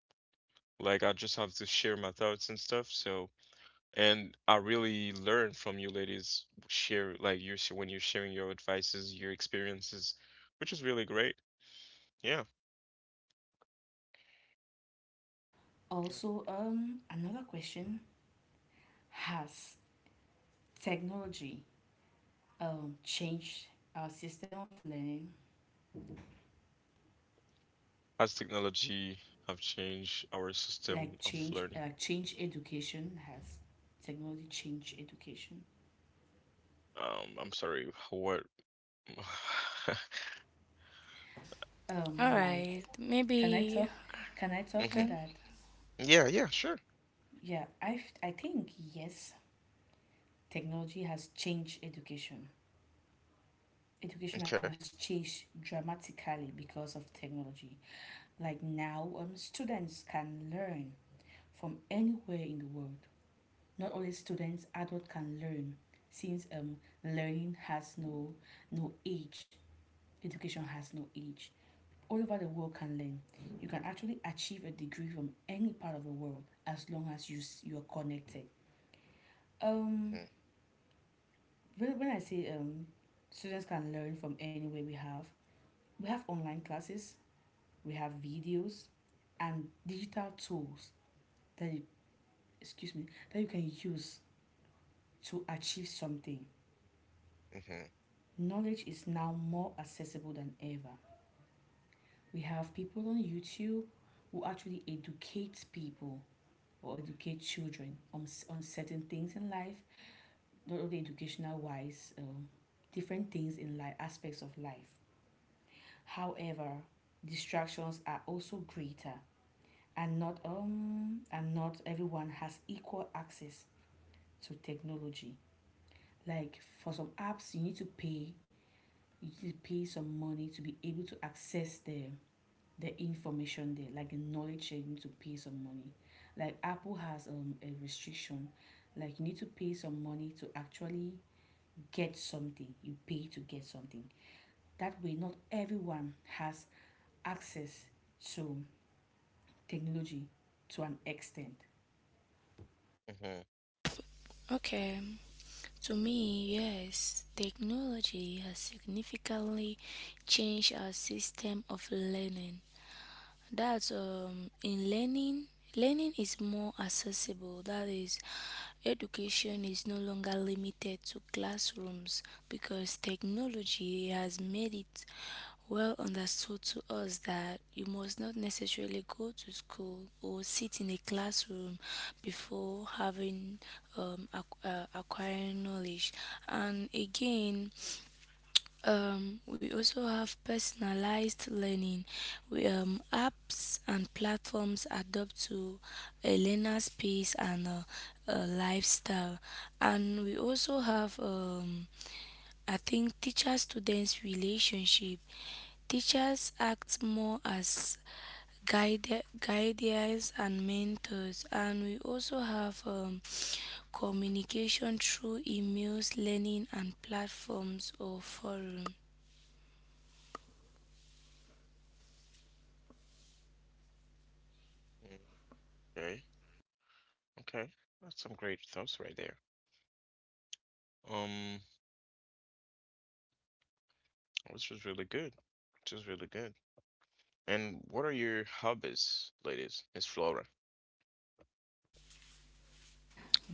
[SPEAKER 1] Like I just have to share my thoughts and stuff. So and I really learn from you ladies share like when you're sharing your advices, your experiences, which is really great. Yeah. Yeah.
[SPEAKER 2] Also, another question: has technology changed our system of learning?
[SPEAKER 1] As technology have changed our
[SPEAKER 2] Like,
[SPEAKER 1] system of
[SPEAKER 2] change,
[SPEAKER 1] learning.
[SPEAKER 2] like, change education. Has technology changed education?
[SPEAKER 1] I'm sorry, what?
[SPEAKER 2] um
[SPEAKER 3] All
[SPEAKER 2] like
[SPEAKER 3] right,
[SPEAKER 2] can I
[SPEAKER 3] maybe
[SPEAKER 2] talk, can I talk on
[SPEAKER 1] Mhm.
[SPEAKER 3] Can
[SPEAKER 2] that?
[SPEAKER 1] Yeah, yeah, sure.
[SPEAKER 2] Yeah, I think yes, technology has changed education. Education
[SPEAKER 1] Okay.
[SPEAKER 2] has changed dramatically because of technology. Like, now, students can learn from anywhere in the world. Not only students, adults can learn, since learning has no age. Education has no age. All over the world can learn. You can actually achieve a degree from any part of the world as long as you you are connected. Um,
[SPEAKER 1] Mhm.
[SPEAKER 2] when I say, students can learn from anywhere, we have online classes, we have videos and digital tools that you, excuse me, that you can use to achieve something.
[SPEAKER 1] Mhm.
[SPEAKER 2] Knowledge is now more accessible than ever. We have people on YouTube who actually educate people or educate children on certain things in life, not only educational wise, different things in life, aspects of life. However, distractions are also greater, and not everyone has equal access to technology. Like, for some apps you need to pay, you need to pay some money to be able to access them, the information there, like the knowledge share, you need to pay some money. Like Apple has, a restriction, like you need to pay some money to actually get something. You pay to get something. That way, not everyone has access to technology, to an extent.
[SPEAKER 1] Mhm.
[SPEAKER 3] okay. To me, yes, technology has significantly changed our system of learning. That's in learning, learning is more accessible. That is, education is no longer limited to classrooms, because technology has made it well understood to us that you must not necessarily go to school or sit in a classroom before having acquiring knowledge. And again, we also have personalized learning. Apps and platforms adapt to a learner's pace and lifestyle. And we also have, I think, teacher students' relationship. Teachers act more as guides and mentors. And we also have communication through emails, learning, and platforms or forums.
[SPEAKER 1] mm, Okay. Okay. That's some great thoughts right there. Um, which was really good. Which was really good. And what are your hobbies, ladies? Miss Flora.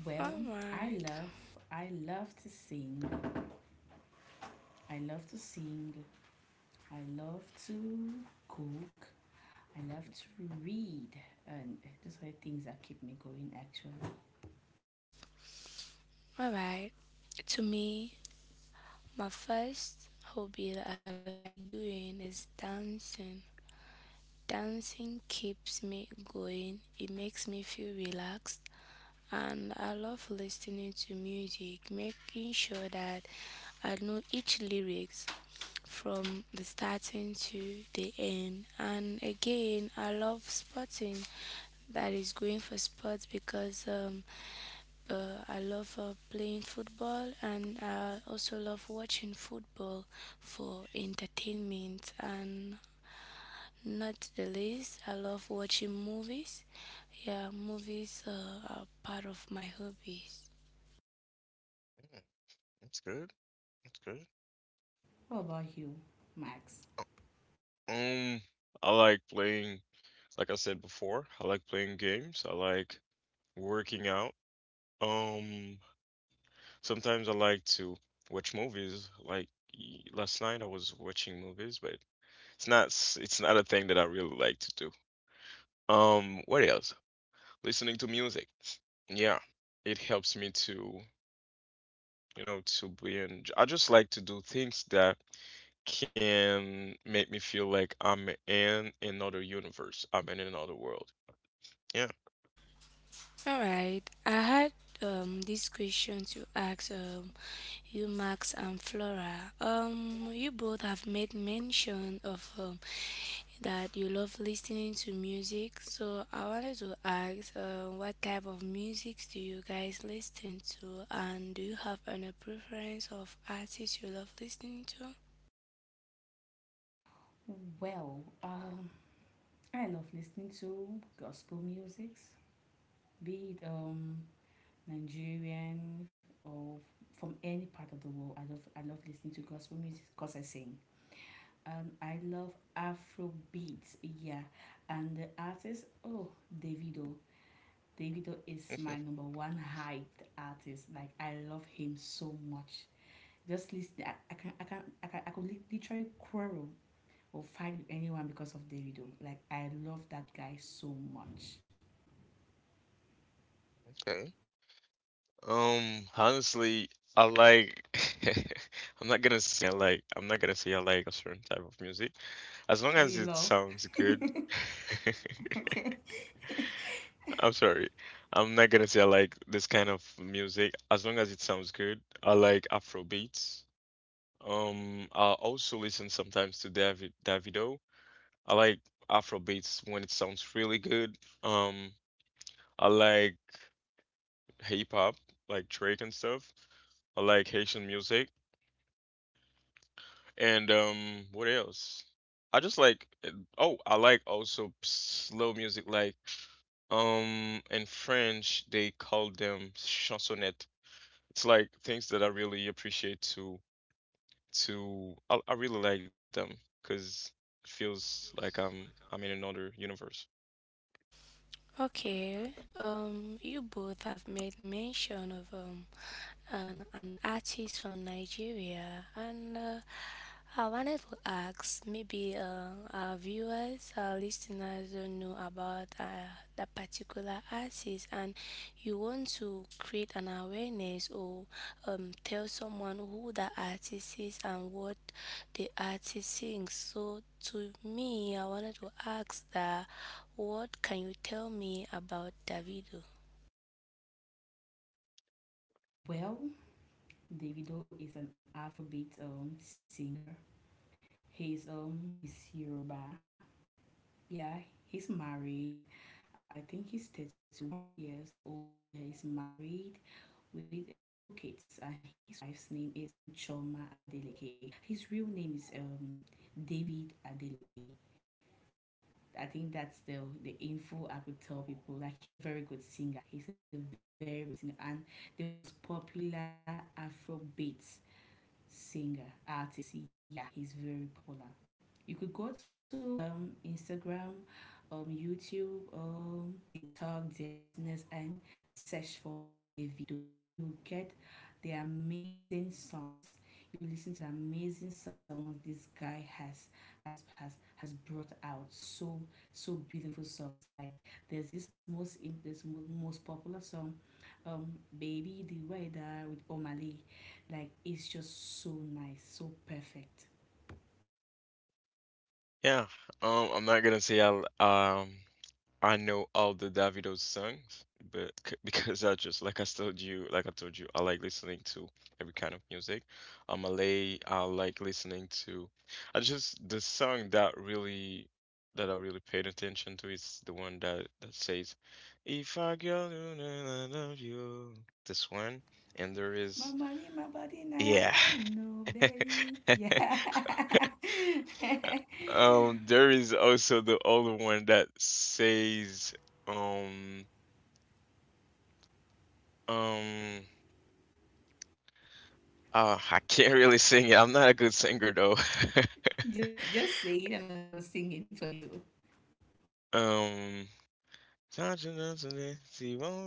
[SPEAKER 2] Well, I
[SPEAKER 3] Alright,
[SPEAKER 2] love, I love to sing. I love to sing. I love to cook. I love to read. And those are the things that keep me going, actually.
[SPEAKER 3] alright. To me, my first hobby that I like doing is dancing. Dancing keeps me going, it makes me feel relaxed, and I love listening to music, making sure that I know each lyrics from the starting to the end. And again, I love sporting, that is going for sports, because I love playing football, and I also love watching football for entertainment, and not the least, I love watching movies. Yeah, movies are part of my hobbies.
[SPEAKER 1] Mm, that's good. That's good.
[SPEAKER 2] What about you, Max?
[SPEAKER 1] Um, I like playing, like I said before, I like playing games. I like working out. Um, sometimes I like to watch movies. Like last night, I was watching movies, but it's not a thing that I really like to do. What else? Listening to music. Yeah, it helps me to, to be in. I just like to do things that can make me feel like I'm in another universe. I'm in another world. Yeah.
[SPEAKER 3] All right, I had this question to ask you, Max and Flora. You both have made mention of that you love listening to music. So I wanted to ask, what type of music do you guys listen to, and do you have any preference of artists you love listening to?
[SPEAKER 2] Well, I love listening to gospel music, be it Nigerian or from any part of the world. I love listening to gospel music because I sing. And I love Afro beats, yeah. And the artist, oh, Davido. Davido is my number one hyped artist. Like, I love him so much. Just listen, I can, I can, I can, I could lit- literally quarrel or fight with anyone because of Davido. Like, I love that guy so much.
[SPEAKER 1] Okay. Honestly, I like I'm not gonna say I like a certain type of music. As long
[SPEAKER 2] Oh, you
[SPEAKER 1] as it
[SPEAKER 2] love?
[SPEAKER 1] sounds good.
[SPEAKER 2] Okay.
[SPEAKER 1] I'm sorry. I'm not gonna say I like this kind of music as long as it sounds good. I like Afro beats. I also listen sometimes to Davido. I like Afro beats when it sounds really good. Um, I like hip hop, like Drake and stuff. I like Haitian music. And what else? I just like oh, I like also slow music like in French they call them chansonnettes. It's like things that I really appreciate I really like them because it feels like I'm in another universe.
[SPEAKER 3] Okay, you both have made mention of an artist from Nigeria, and I wanted to ask maybe our viewers, our listeners don't know about that particular artist, and you want to create an awareness or tell someone who the artist is and what the artist sings. So, to me, I wanted to ask that. What can you tell me about Davido?
[SPEAKER 2] Well, Davido is an Afrobeat singer. He's Yoruba. Yeah, he's married. I think he's 31 years old. He's married with two kids, and his wife's name is Choma Adeleke. His real name is David Adeleke. I think that's the info I could tell people. Like, he's a very good singer. He's a very, very good singer and the most popular Afrobeat singer artist. Yeah, he's very popular. You could go to, Instagram, YouTube, TikTok, dear listeners, and search for Davido, and you'll get the amazing songs. You listen to the amazing songs this guy has brought out. So so beautiful songs. Like there's this most im- this mo- most popular song, um, "Baby the Weather" with Omali. Like, it's just so nice, so perfect.
[SPEAKER 1] Yeah, I'm not gonna say um I know all the Davido songs, but because I just like I told you, like I told you, I like listening to every kind of music. I'm Malay, I like listening to I just the song that really that I really paid attention to is the one that says if I go you know I love you, this one, and there
[SPEAKER 2] My
[SPEAKER 1] is
[SPEAKER 2] money, my body, now
[SPEAKER 1] yeah.
[SPEAKER 2] I own no belly. Yeah.
[SPEAKER 1] There is also the other one that says, um, um, oh, I can't really sing it. I'm not a good singer though.
[SPEAKER 2] Just say it and I'm gonna sing it for you.
[SPEAKER 1] Um, you know it?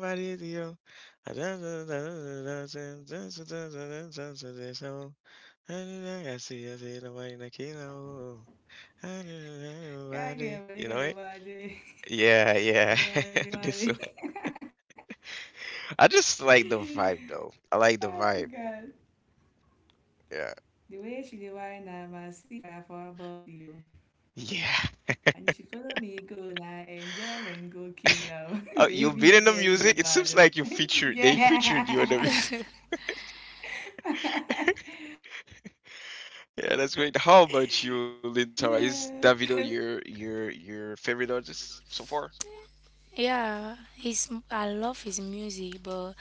[SPEAKER 2] Yeah, yeah, body got a body.
[SPEAKER 1] Yeah, yeah.
[SPEAKER 2] About your
[SPEAKER 1] This
[SPEAKER 2] body.
[SPEAKER 1] one. I just like the vibe though. I like the
[SPEAKER 2] Oh
[SPEAKER 1] vibe.
[SPEAKER 2] god.
[SPEAKER 1] Yeah.
[SPEAKER 2] The way she dey whine na ma see fire for her body o.
[SPEAKER 1] Yeah.
[SPEAKER 2] And she follow me go na enjoyment go kill am.
[SPEAKER 1] You've been
[SPEAKER 2] Baby
[SPEAKER 1] in the
[SPEAKER 2] girl you
[SPEAKER 1] music. It
[SPEAKER 2] bad
[SPEAKER 1] seems
[SPEAKER 2] o.
[SPEAKER 1] like you featured. They featured you in the.
[SPEAKER 2] Yeah.
[SPEAKER 1] Yeah, that's great. How about you, Lin Sara? Is
[SPEAKER 2] Yeah.
[SPEAKER 1] Davido your favorite artist so far?
[SPEAKER 3] Yeah, his I love his music, but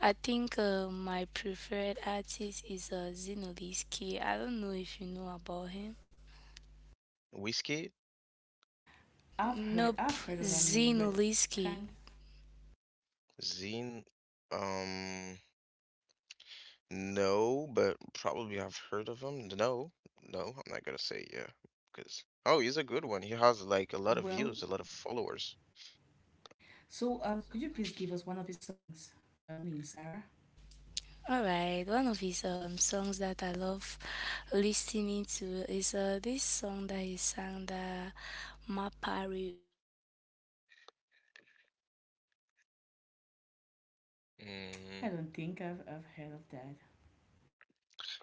[SPEAKER 3] I think my preferred artist is Zinoliski. I don't know if you know about him.
[SPEAKER 1] Whiskey.
[SPEAKER 3] Nope,
[SPEAKER 2] I've heard of that name, but I
[SPEAKER 3] Zinoliski.
[SPEAKER 2] can't.
[SPEAKER 1] Zine. Um, no, but probably I've heard of him. No, no, I'm not gonna say yeah, because oh, he's a good one. He has like a lot of views, a
[SPEAKER 2] Well,
[SPEAKER 1] lot of followers.
[SPEAKER 2] so, could you please give us one of his songs, Lean Sarah?
[SPEAKER 3] All right, one of his songs that I love listening to is this song that he sang, the Mapario. That's his the music is being sung like this.
[SPEAKER 1] Mm,
[SPEAKER 2] I don't think I've heard of that.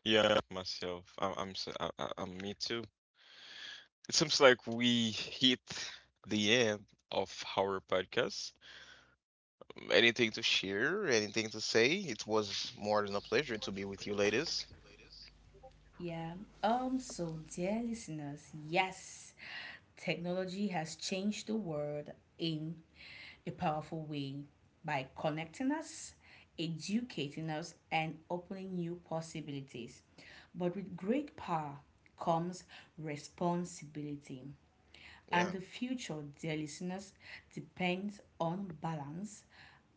[SPEAKER 1] yeah, myself. I, I'm. S- I am me too. It seems like we hit the end of our podcast. Anything to share? Anything to say? It was more than a pleasure to be with you, ladies.
[SPEAKER 2] Yeah. Um, so, dear listeners, yes, technology has changed the world in a powerful way by connecting us, educating us, and opening new possibilities. But with great power comes responsibility. And
[SPEAKER 1] Yeah,
[SPEAKER 2] the future, dear listeners, depends on balance,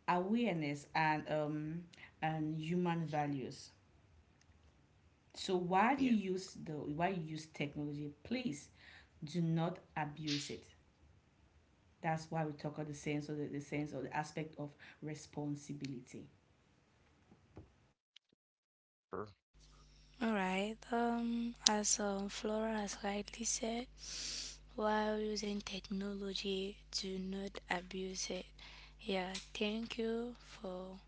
[SPEAKER 2] awareness, and human values. So while you
[SPEAKER 1] yeah,
[SPEAKER 2] use the while you use technology, please do not abuse it. That's why we talk about the sense of the sense or the aspect of responsibility.
[SPEAKER 1] sure.
[SPEAKER 3] All right. As Flora has rightly said, while using technology, do not abuse it. Yeah. Thank you for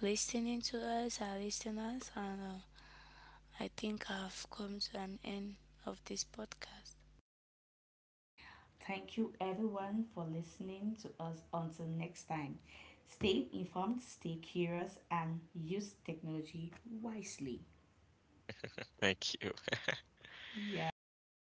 [SPEAKER 3] listening to us, our listeners, and I think I've come to an end of this podcast.
[SPEAKER 2] Thank you everyone for listening to us. Until next time, stay informed, stay curious, and use technology wisely.
[SPEAKER 1] Thank you.
[SPEAKER 2] Yeah,